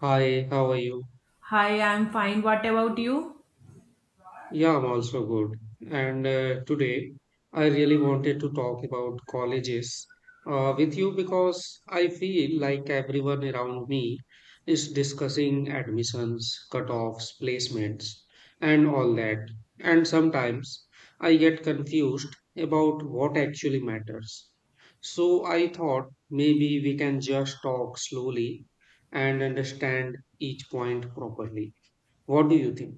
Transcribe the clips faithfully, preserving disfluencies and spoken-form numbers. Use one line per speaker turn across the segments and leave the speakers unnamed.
Hi, how are you?
Hi, I'm fine. What about you?
Yeah, I'm also good. And uh, today I really wanted to talk about colleges uh, with you because I feel like everyone around me is discussing admissions, cutoffs, placements, and all that. And sometimes I get confused about what actually matters. So I thought maybe we can just talk slowly and understand each point properly. What do you think?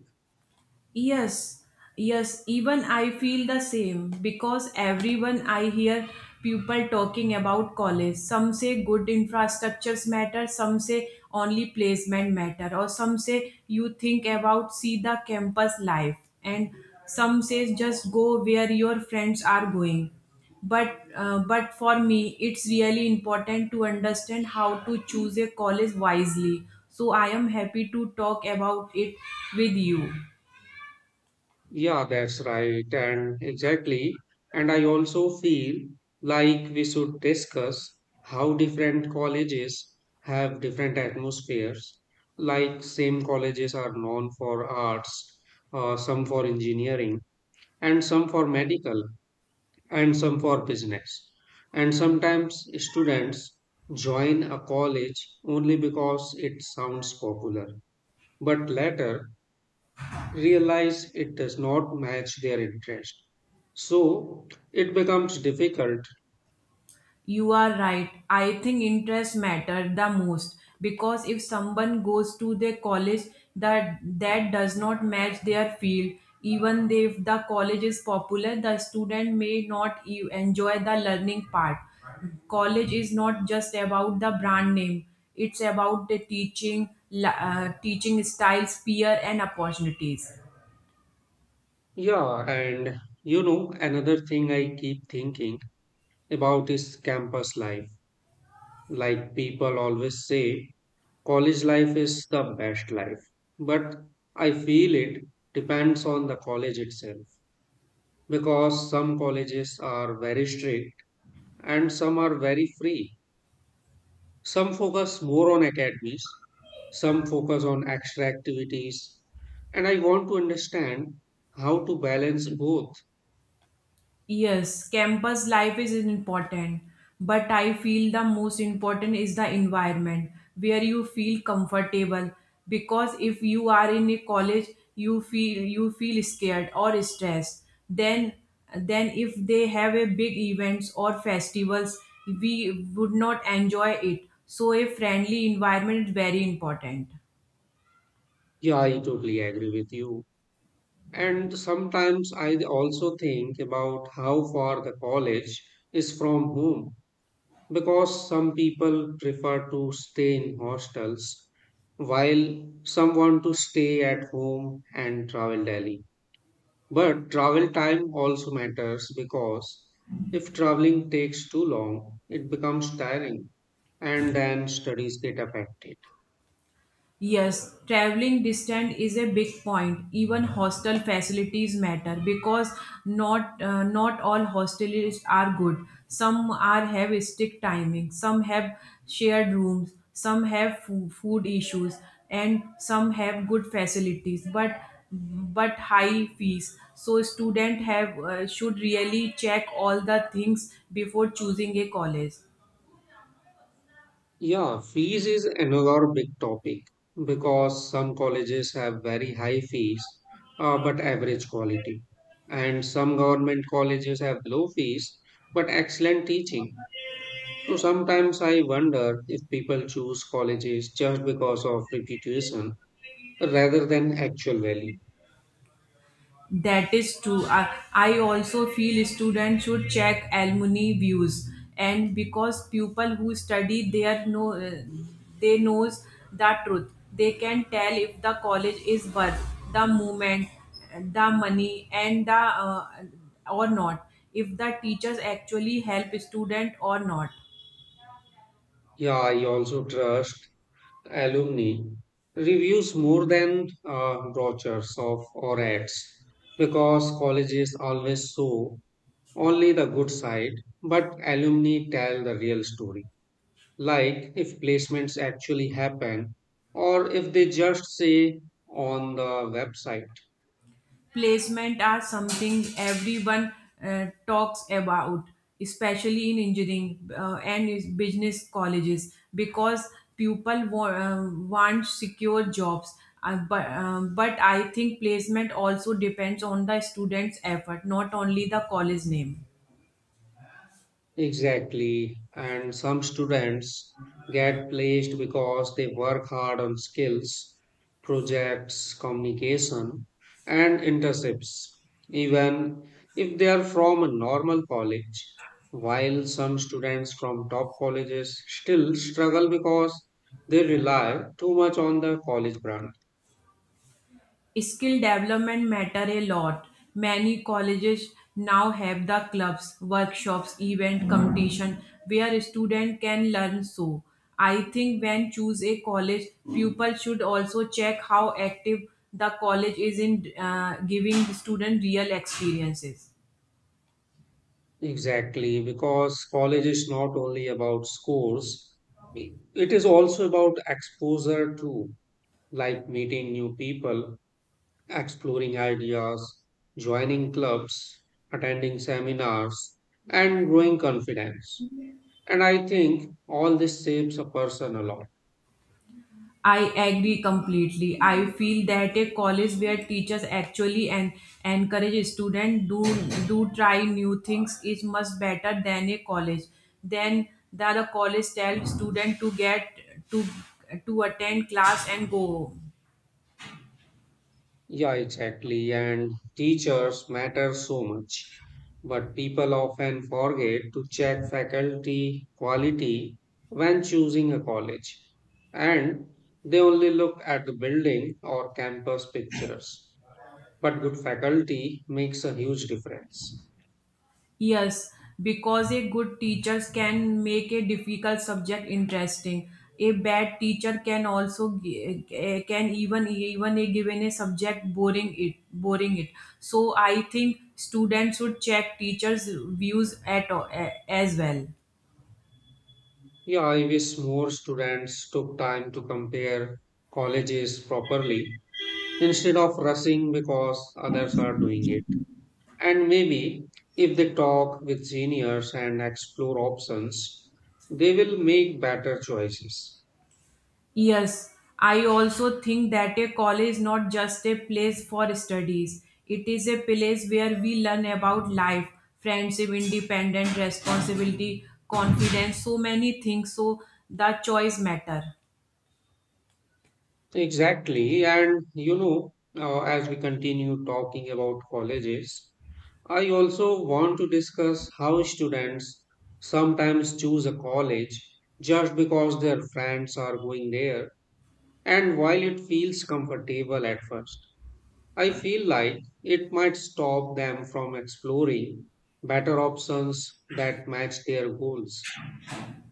Yes, yes, even I feel the same because everyone I hear people talking about college. Some say good infrastructures matter, some say only placement matter, or some say you think about see the campus life, and some says just go where your friends are going. But uh, but for me, it's really important to understand how to choose a college wisely. So I am happy to talk about it with you.
Yeah, that's right. And exactly. And I also feel like we should discuss how different colleges have different atmospheres. Like, same colleges are known for arts, uh, some for engineering, and some for medical, and some for business. And sometimes students join a college only because it sounds popular. But later, realize it does not match their interest. So it becomes difficult.
You are right. I think interests matter the most because if someone goes to their college that that does not match their field, even if the college is popular, the student may not e- enjoy the learning part. College is not just about the brand name; it's about the teaching, la- uh, teaching styles, peer, and opportunities.
Yeah, and you know, another thing I keep thinking about is campus life. Like people always say, college life is the best life. But I feel it depends on the college itself because some colleges are very strict and some are very free. Some focus more on academies, some focus on extra activities, and I want to understand how to balance both.
Yes, campus life is important, but I feel the most important is the environment where you feel comfortable because if you are in a college you feel you feel scared or stressed then then if they have a big events or festivals, we would not enjoy it, so a friendly environment is very important.
Yeah, I totally agree with you. And sometimes I also think about how far the college is from home because some people prefer to stay in hostels while some want to stay at home and travel daily. But travel time also matters because if traveling takes too long, it becomes tiring and then studies get affected.
Yes, traveling distance is a big point. Even hostel facilities matter because not uh, not all hostels are good. Some are have strict timing, some have shared rooms, some have fo- food issues, and some have good facilities but but high fees. So student have uh, should really check all the things before choosing a college.
Yeah, fees is another big topic because some colleges have very high fees uh, but average quality, and some government colleges have low fees but excellent teaching. So sometimes I wonder if people choose colleges just because of reputation rather than actual value.
That is true. I, I also feel students should check alumni views, and because people who study there know uh, they knows the truth. They can tell if the college is worth the movement, the money, and the uh, or not. If the teachers actually help student or not.
Yeah, I also trust alumni reviews more than uh, brochures of or ads because colleges always show only the good side, but alumni tell the real story. Like if placements actually happen or if they just say on the website.
Placement are something everyone uh, talks about, especially in engineering uh, and is business colleges because people wa- uh, want secure jobs. Uh, but, um, but I think placement also depends on the student's effort, not only the college name.
Exactly. And some students get placed because they work hard on skills, projects, communication, and internships, even if they are from a normal college. While some students from top colleges still struggle because they rely too much on the college brand.
Skill development matter a lot. Many colleges now have the clubs, workshops, event, competition where student can learn. So I think when choose a college, pupil should also check how active the college is in uh, giving student real experiences.
Exactly, because college is not only about scores, it is also about exposure too like meeting new people, exploring ideas, joining clubs, attending seminars, and growing confidence. And I think all this shapes a person a lot.
I agree completely. I feel that a college where teachers actually and encourage students do do try new things is much better than a college. Then that a college tell student to get to to attend class and go home.
Yeah, exactly. And teachers matter so much. But people often forget to check faculty quality when choosing a college. And they only look at the building or campus pictures. But good faculty makes a huge difference.
Yes, because a good teacher can make a difficult subject interesting. A bad teacher can also gi- eh, can even even a given a subject boring it boring it. So I think students should check teachers' views at all, eh, as well.
Yeah, I wish more students took time to compare colleges properly instead of rushing because others are doing it. And maybe if they talk with seniors and explore options, they will make better choices.
Yes, I also think that a college is not just a place for studies. It is a place where we learn about life, friendship, independence, responsibility, confidence, so many things. So the choice matter.
Exactly. And you know, uh, as we continue talking about colleges, I also want to discuss how students sometimes choose a college just because their friends are going there, and while it feels comfortable at first, I feel like it might stop them from exploring better options that match their goals.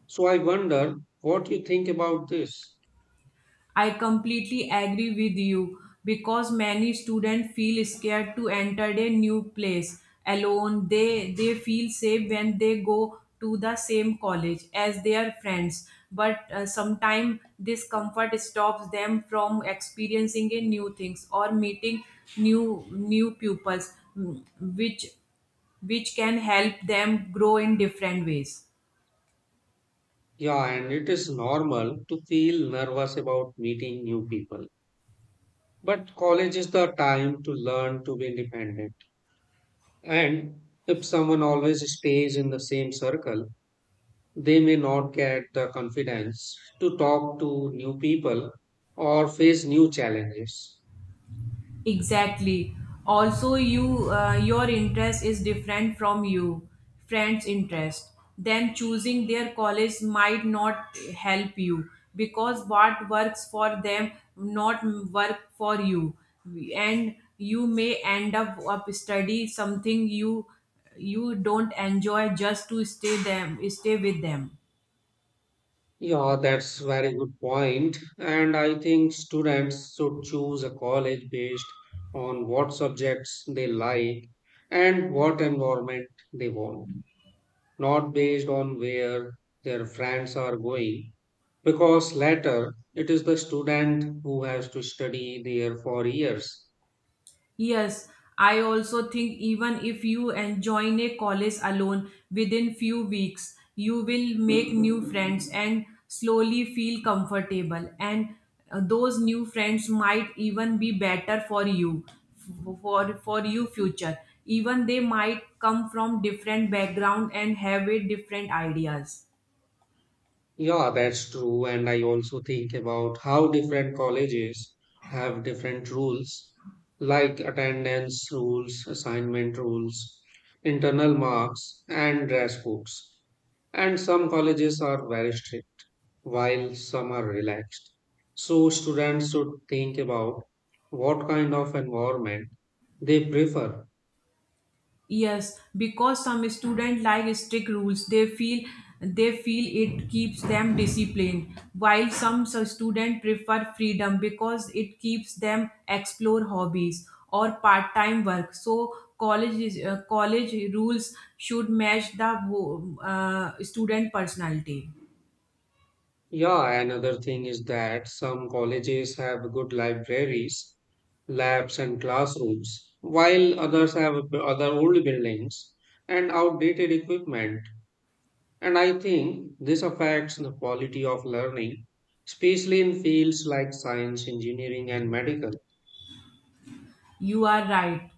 So I wonder what you think about this.
I completely agree with you because many students feel scared to enter a new place alone. They they feel safe when they go to the same college as their friends, but uh, sometimes this comfort stops them from experiencing a new things or meeting new new pupils, mm, which which can help them grow in different ways.
Yeah, and it is normal to feel nervous about meeting new people, but college is the time to learn to be independent. And if someone always stays in the same circle, they may not get the confidence to talk to new people or face new challenges.
Exactly. Also, you uh, your interest is different from you friends' interest. Them choosing their college might not help you because what works for them not work for you, and you may end up, up study something you you don't enjoy just to stay them stay with them.
Yeah, that's very good point. And I think students should choose a college based on what subjects they like and what environment they want, not based on where their friends are going. Because later, it is the student who has to study there for years.
Yes, I also think even if you join a college alone within few weeks, you will make new friends and slowly feel comfortable, and uh, those new friends might even be better for you f- for for you future, even they might come from different background and have a different ideas.
Yeah, that's true. And I also think about how different colleges have different rules, like attendance rules, assignment rules, internal marks, and dress codes. And some colleges are very strict, while some are relaxed. So students should think about what kind of environment they prefer.
Yes, because some students like strict rules, they feel they feel it keeps them disciplined, while some students prefer freedom because it keeps them explore hobbies or part-time work. So college is, uh, college rules should match the uh, student personality.
Yeah, another thing is that some colleges have good libraries, labs, and classrooms, while others have b- other old buildings and outdated equipment. And I think this affects the quality of learning, especially in fields like science, engineering, and medical.
You are right.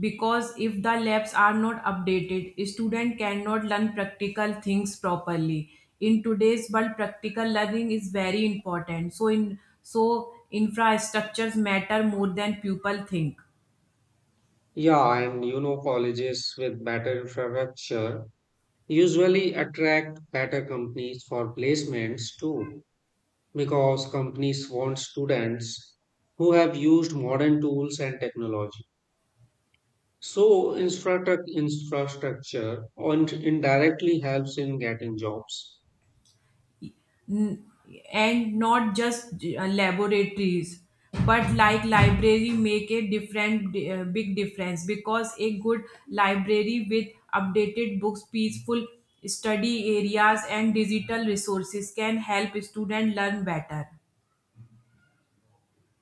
Because if the labs are not updated, student cannot learn practical things properly. In today's world, practical learning is very important, so in so infrastructures matter more than people think.
Yeah, and you know, colleges with better infrastructure usually attract better companies for placements too. Because companies want students who have used modern tools and technology. So, infrastruct- infrastructure on- indirectly helps in getting jobs.
N- and not just uh, laboratories but like library make a different uh, big difference because a good library with updated books, peaceful study areas, and digital resources can help students learn better.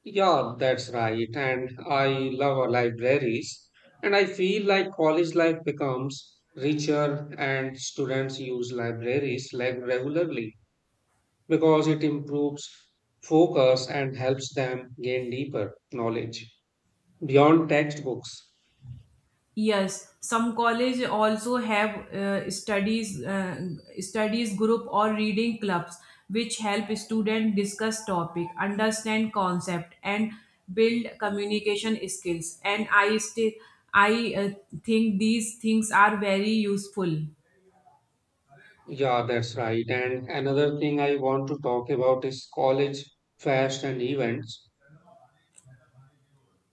Yeah, that's right. And I love our libraries. And I feel like college life becomes richer and students use libraries like regularly because it improves focus and helps them gain deeper knowledge beyond textbooks.
Yes, some college also have uh, studies uh, studies group or reading clubs which help students discuss topic, understand concept, and build communication skills. And I still I uh, think these things are very useful.
Yeah, that's right. And another thing I want to talk about is college fest and events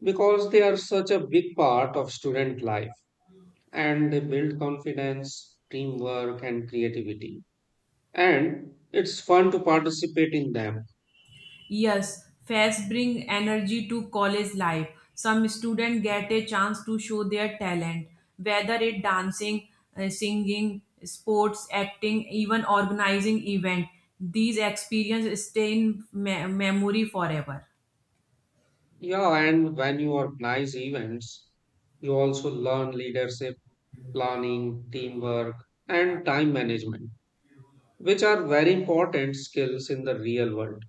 because they are such a big part of student life and they build confidence, teamwork, and creativity. And it's fun to participate in them.
Yes, fairs bring energy to college life. Some students get a chance to show their talent, whether it dancing, uh, singing, sports, acting, even organizing event. These experiences stay in me- memory forever.
Yeah, and when you organize events, you also learn leadership, planning, teamwork, and time management, which are very important skills in the real world.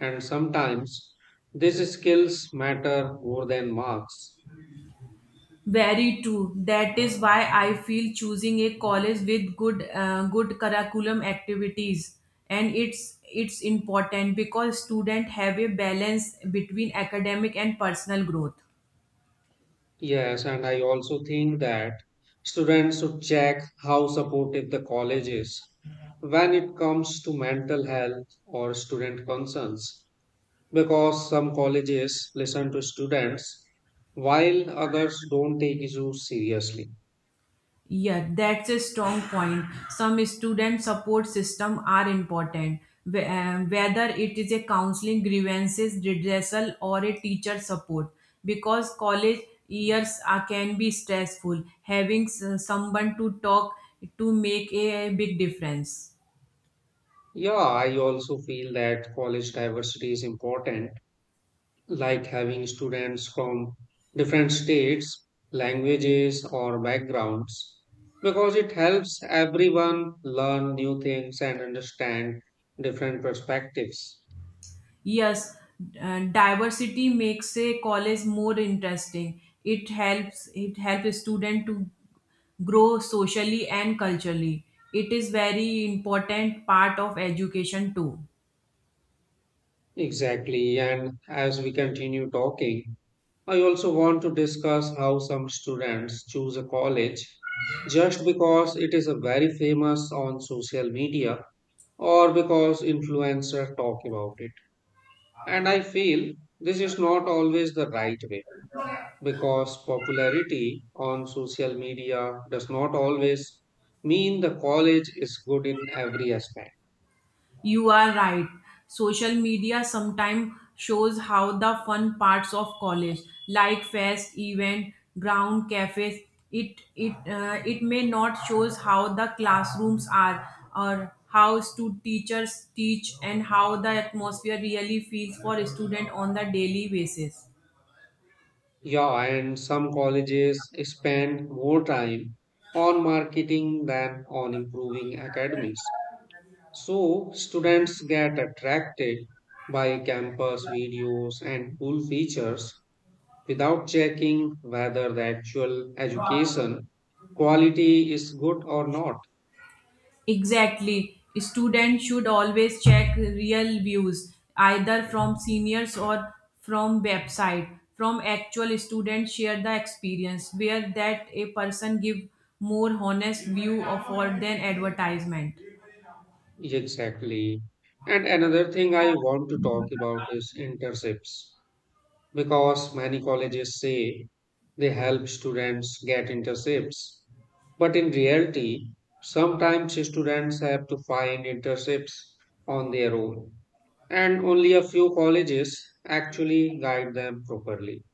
And sometimes these skills matter more than marks.
Very true. That is why I feel choosing a college with good uh, good curriculum activities and it's it's important because students have a balance between academic and personal growth.
Yes, and I also think that students should check how supportive the college is when it comes to mental health or student concerns. Because some colleges listen to students while others don't take issues seriously.
Yeah, that's a strong point. Some student support system are important, wh- um, whether it is a counseling, grievances, redressal, or a teacher support, because college years are, can be stressful. Having s- someone to talk to make a big difference.
Yeah, I also feel that college diversity is important like having students from different states, languages, or backgrounds because it helps everyone learn new things and understand different perspectives.
Yes, uh, diversity makes a college more interesting. It helps it helps a student to grow socially and culturally. It is very important part of education too.
Exactly, and as we continue talking, I also want to discuss how some students choose a college just because it is a very famous on social media or because influencers talk about it. And I feel this is not always the right way because popularity on social media does not always mean the college is good in every aspect.
You are right. Social media sometimes shows how the fun parts of college, like fest, event, ground cafes, it it uh, it may not shows how the classrooms are or how stu- teachers teach and how the atmosphere really feels for a student on the daily basis.
Yeah, and some colleges spend more time on marketing than on improving academics. So, students get attracted by campus videos and cool features without checking whether the actual education quality is good or not.
Exactly. Students should always check real views, either from seniors or from website. From actual students share the experience where that a person give more honest view of or than advertisement.
Exactly. And another thing I want to talk about is internships because many colleges say they help students get internships. But in reality, sometimes students have to find internships on their own, and only a few colleges actually guide them properly.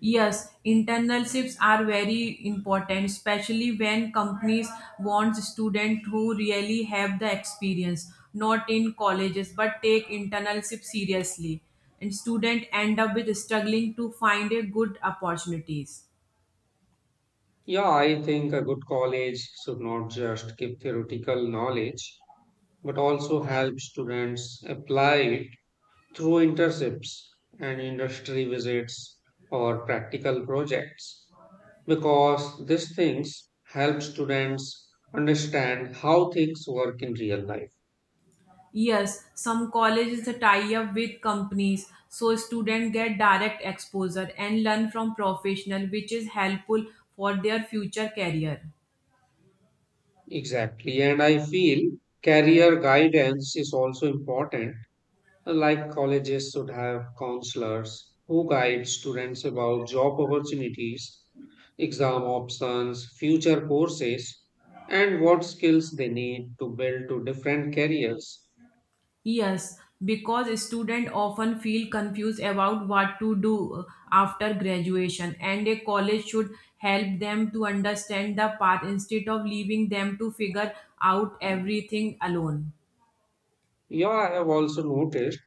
Yes, internships are very important, especially when companies want students who really have the experience, not in colleges, but take internship seriously. And students end up with struggling to find a good opportunities.
Yeah, I think a good college should not just give theoretical knowledge, but also help students apply it through internships and industry visits or practical projects because these things help students understand how things work in real life.
Yes, some colleges tie up with companies so students get direct exposure and learn from professional, which is helpful for their future career.
Exactly, and I feel career guidance is also important, like colleges should have counselors who guide students about job opportunities, exam options, future courses, and what skills they need to build to different careers.
Yes, because students often feel confused about what to do after graduation, and a college should help them to understand the path instead of leaving them to figure out everything alone.
Yeah, I have also noticed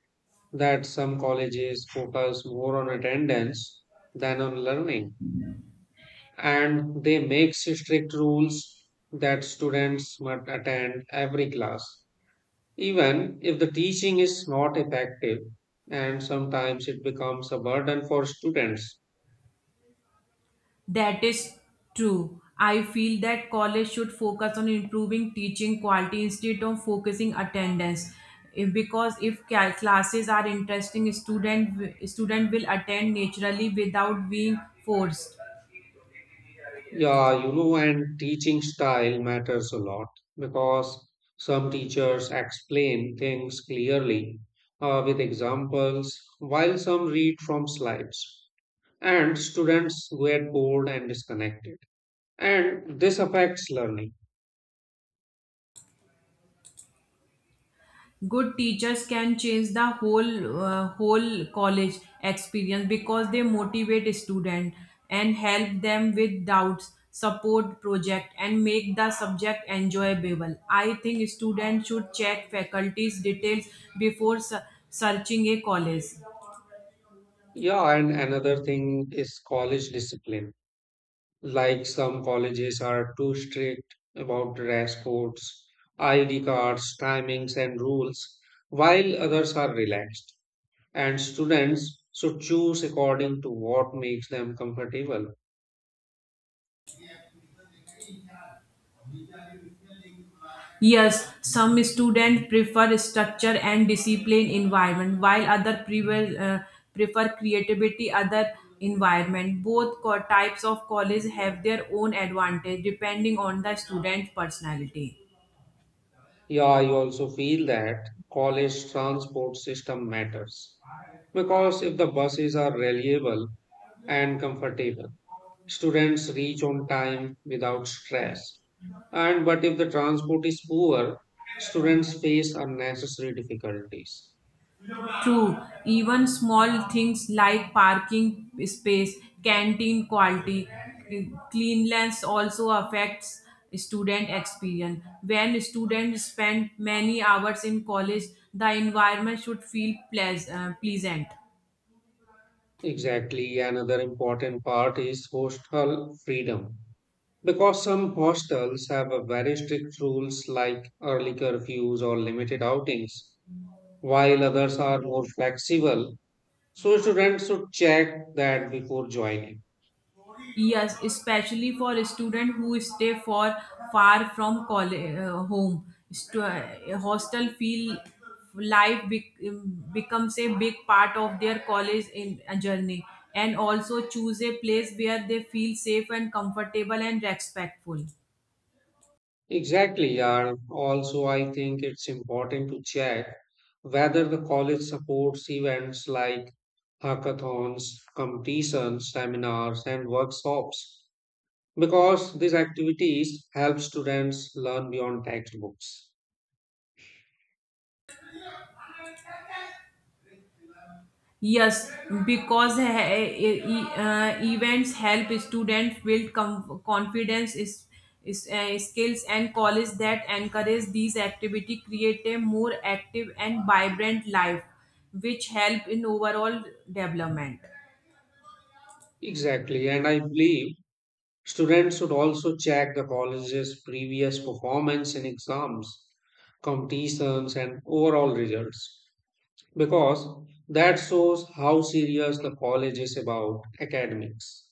that some colleges focus more on attendance than on learning, and they make strict rules that students must attend every class, even if the teaching is not effective, and sometimes it becomes a burden for students.
That is true. I feel that college should focus on improving teaching quality instead of focusing attendance. If- Because if ca- classes are interesting, student w- student will attend naturally without being forced.
Yeah, you know, and teaching style matters a lot because some teachers explain things clearly uh, with examples, while some read from slides, and students get bored and disconnected. And this affects learning.
Good teachers can change the whole uh, whole college experience because they motivate student and help them with doubts, support project, and make the subject enjoyable. I think students should check faculties details before su- searching a college.
Yeah, and another thing is college discipline. Like some colleges are too strict about dress codes, I D cards, timings, and rules, while others are relaxed and students should choose according to what makes them comfortable.
Yes, some students prefer structure and discipline environment, while other prefer, uh, prefer creativity other environment. Both co- types of college have their own advantage depending on the student's personality.
Yeah, I also feel that college transport system matters because if the buses are reliable and comfortable, students reach on time without stress. And but if the transport is poor, students face unnecessary difficulties.
True, even small things like parking space, canteen quality, cleanliness also affects student experience. When students spend many hours in college, the environment should feel pleas- uh, pleasant.
Exactly, another important part is hostel freedom. Because some hostels have a very strict rules like early curfews or limited outings, while others are more flexible. So students should check that before joining.
Yes, especially for a student who stay for far from college, uh, home. Stu- uh, hostel feel life be- um, becomes a big part of their college in a journey, and also choose a place where they feel safe and comfortable and respectful.
Exactly, yeah. Also, I think it's important to check whether the college supports events like hackathons, competitions, seminars, and workshops, because these activities help students learn beyond textbooks.
Yes, because he- e- e- uh, events help students build com- confidence, is, is, uh, skills, and college that encourage these activity create a more active and vibrant life, which help in overall development.
Exactly, and I believe students should also check the college's previous performance in exams, competitions, and overall results because that shows how serious the college is about academics.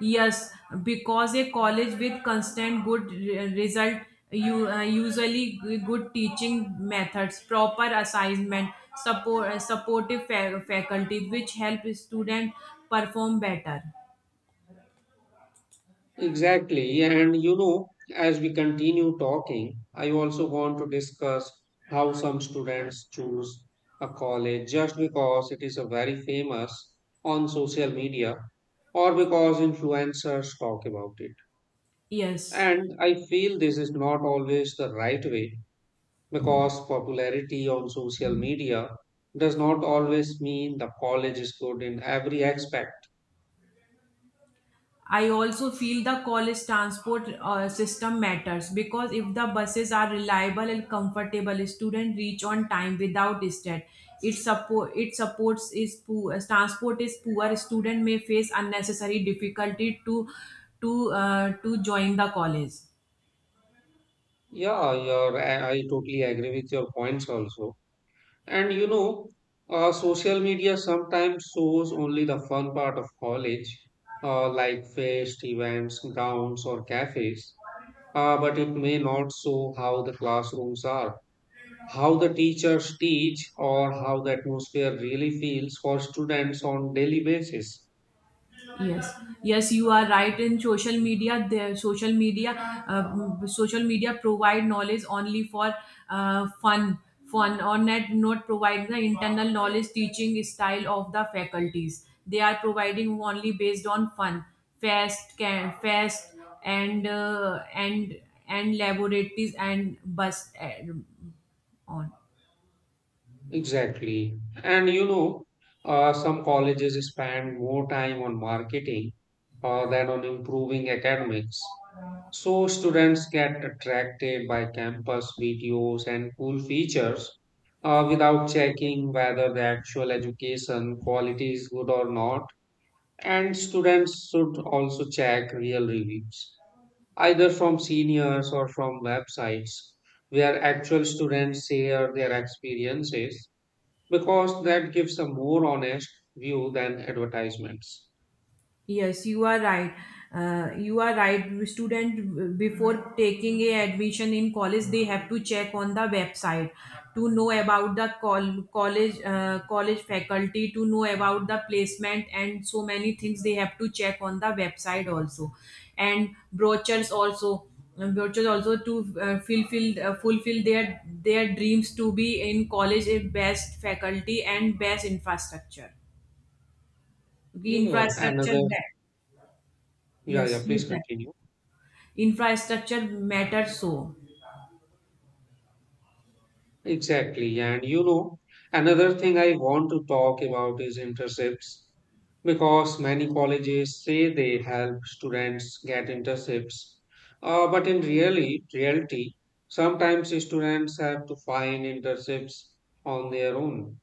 Yes, because a college with constant good re- result, you uh, usually g- good teaching methods, proper assignment, support uh, supportive fa- faculty, which help student perform better.
Exactly, and you know, as we continue talking, I also want to discuss how some students choose a college just because it is a very famous on social media or because influencers talk about it.
Yes.
And I feel this is not always the right way because popularity on social media does not always mean the college is good in every aspect.
I also feel the college transport uh, system matters because if the buses are reliable and comfortable, students reach on time without stress. It support it supports is poor Transport is poor. Student may face unnecessary difficulty to to uh, to join the college.
Yeah, you're, I I totally agree with your points also. And you know, uh, social media sometimes shows only the fun part of college, uh, like fest, events, grounds, or cafes, uh, but it may not show how the classrooms are, how the teachers teach, or how the atmosphere really feels for students on daily basis.
Yes, yes, you are right. In social media, the social media, uh, social media provide knowledge only for uh, fun fun or not not provide the internal knowledge, teaching style of the faculties. They are providing only based on fun fast can fast and uh, and and laboratories and bus uh, on.
Exactly, and you know, uh, some colleges spend more time on marketing uh, than on improving academics. So students get attracted by campus videos and cool features uh, without checking whether the actual education quality is good or not. And students should also check real reviews, either from seniors or from websites where actual students share their experiences, because that gives a more honest view than advertisements.
Yes, you are right. Uh, you are right. Student uh, before taking a admission in college, they have to check on the website to know about the col- college uh, college faculty, to know about the placement, and so many things they have to check on the website also, and brochures also. uh, Brochures also to uh, fulfill uh, fulfill their their dreams to be in college a best faculty and best infrastructure. Okay,
Yeah,
infrastructure
another,
that
yeah, yeah,
yes.
please
You
continue.
infrastructure matters so.
Exactly. And you know, another thing I want to talk about is internships because many colleges say they help students get internships. Uh, but in really, reality, sometimes students have to find internships on their own,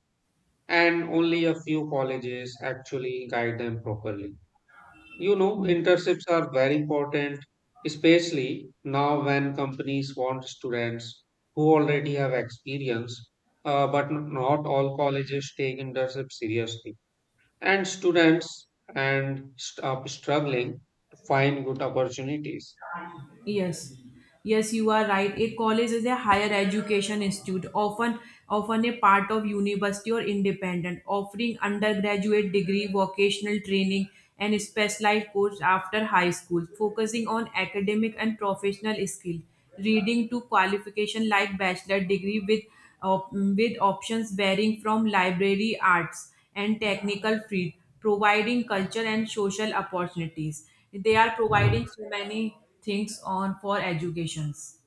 and only a few colleges actually guide them properly. You know, internships are very important, especially now when companies want students who already have experience, uh, but not all colleges take internships seriously. And students and st- are struggling to find good opportunities.
Yes, yes, you are right. A college is a higher education institute, often often a part of university or independent, offering undergraduate degree, vocational training, and specialized course after high school, focusing on academic and professional skill, reading to qualification like bachelor degree with op- with options varying from library arts and technical field, providing culture and social opportunities. They are providing so many things on for educations.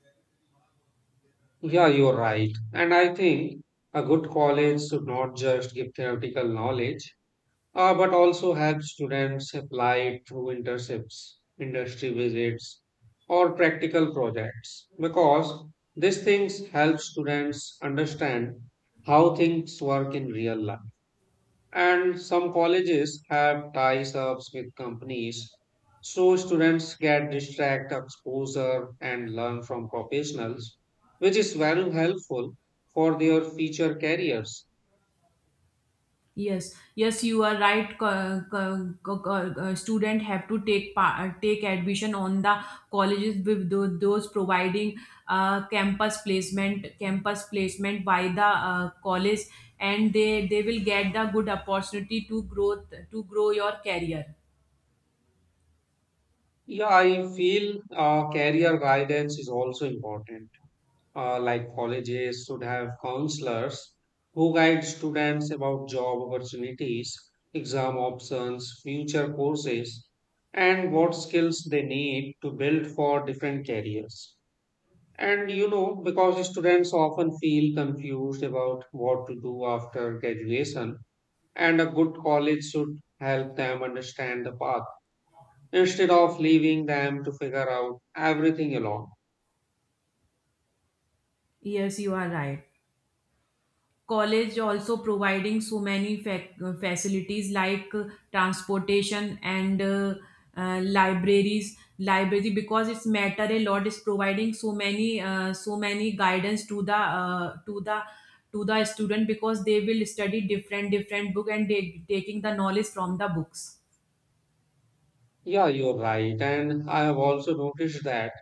Yeah, you're right. And I think a good college should not just give theoretical knowledge, uh, but also help students apply through internships, industry visits, or practical projects because these things help students understand how things work in real life. And some colleges have ties ups with companies, so students get direct exposure and learn from professionals, which is very helpful for their future careers.
Yes, yes, you are right. Co- co- co- co- uh, student have to take pa- uh, take admission on the colleges with tho- those providing uh, campus placement campus placement by the uh, college, and they they will get the good opportunity to growth to grow your career.
Yeah, I feel uh, career guidance is also important. Uh, like colleges should have counselors who guide students about job opportunities, exam options, future courses, and what skills they need to build for different careers. And you know, because students often feel confused about what to do after graduation, and a good college should help them understand the path instead of leaving them to figure out everything alone.
Yes, you are right. College also providing so many fac- facilities like uh, transportation and uh, uh, libraries library because it's matter a lot is providing so many uh, so many guidance to the uh, to the to the student because they will study different different book, and they, taking the knowledge from the books.
Yeah, you're right. And I have also noticed that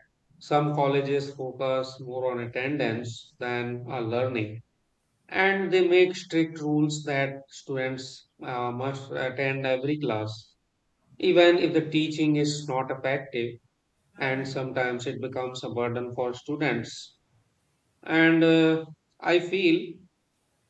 some colleges focus more on attendance than uh, learning. And they make strict rules that students uh, must attend every class, even if the teaching is not effective. And sometimes it becomes a burden for students. And uh, I feel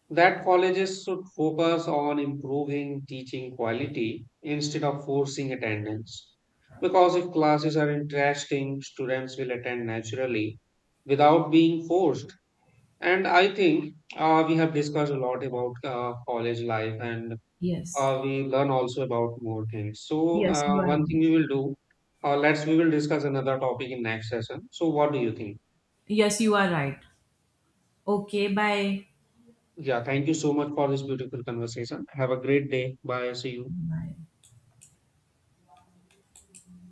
that colleges should focus on improving teaching quality instead of forcing attendance. Because if classes are interesting, students will attend naturally without being forced. And I think uh, we have discussed a lot about uh, college life and
Yes,
uh, we learn also about more things. So,
yes, you
uh,
are.
one thing we will do, uh, let's we will discuss another topic in next session. So, what do you think?
Yes, you are right. Okay, bye.
Yeah, thank you so much for this beautiful conversation. Have a great day. Bye. See you.
Bye.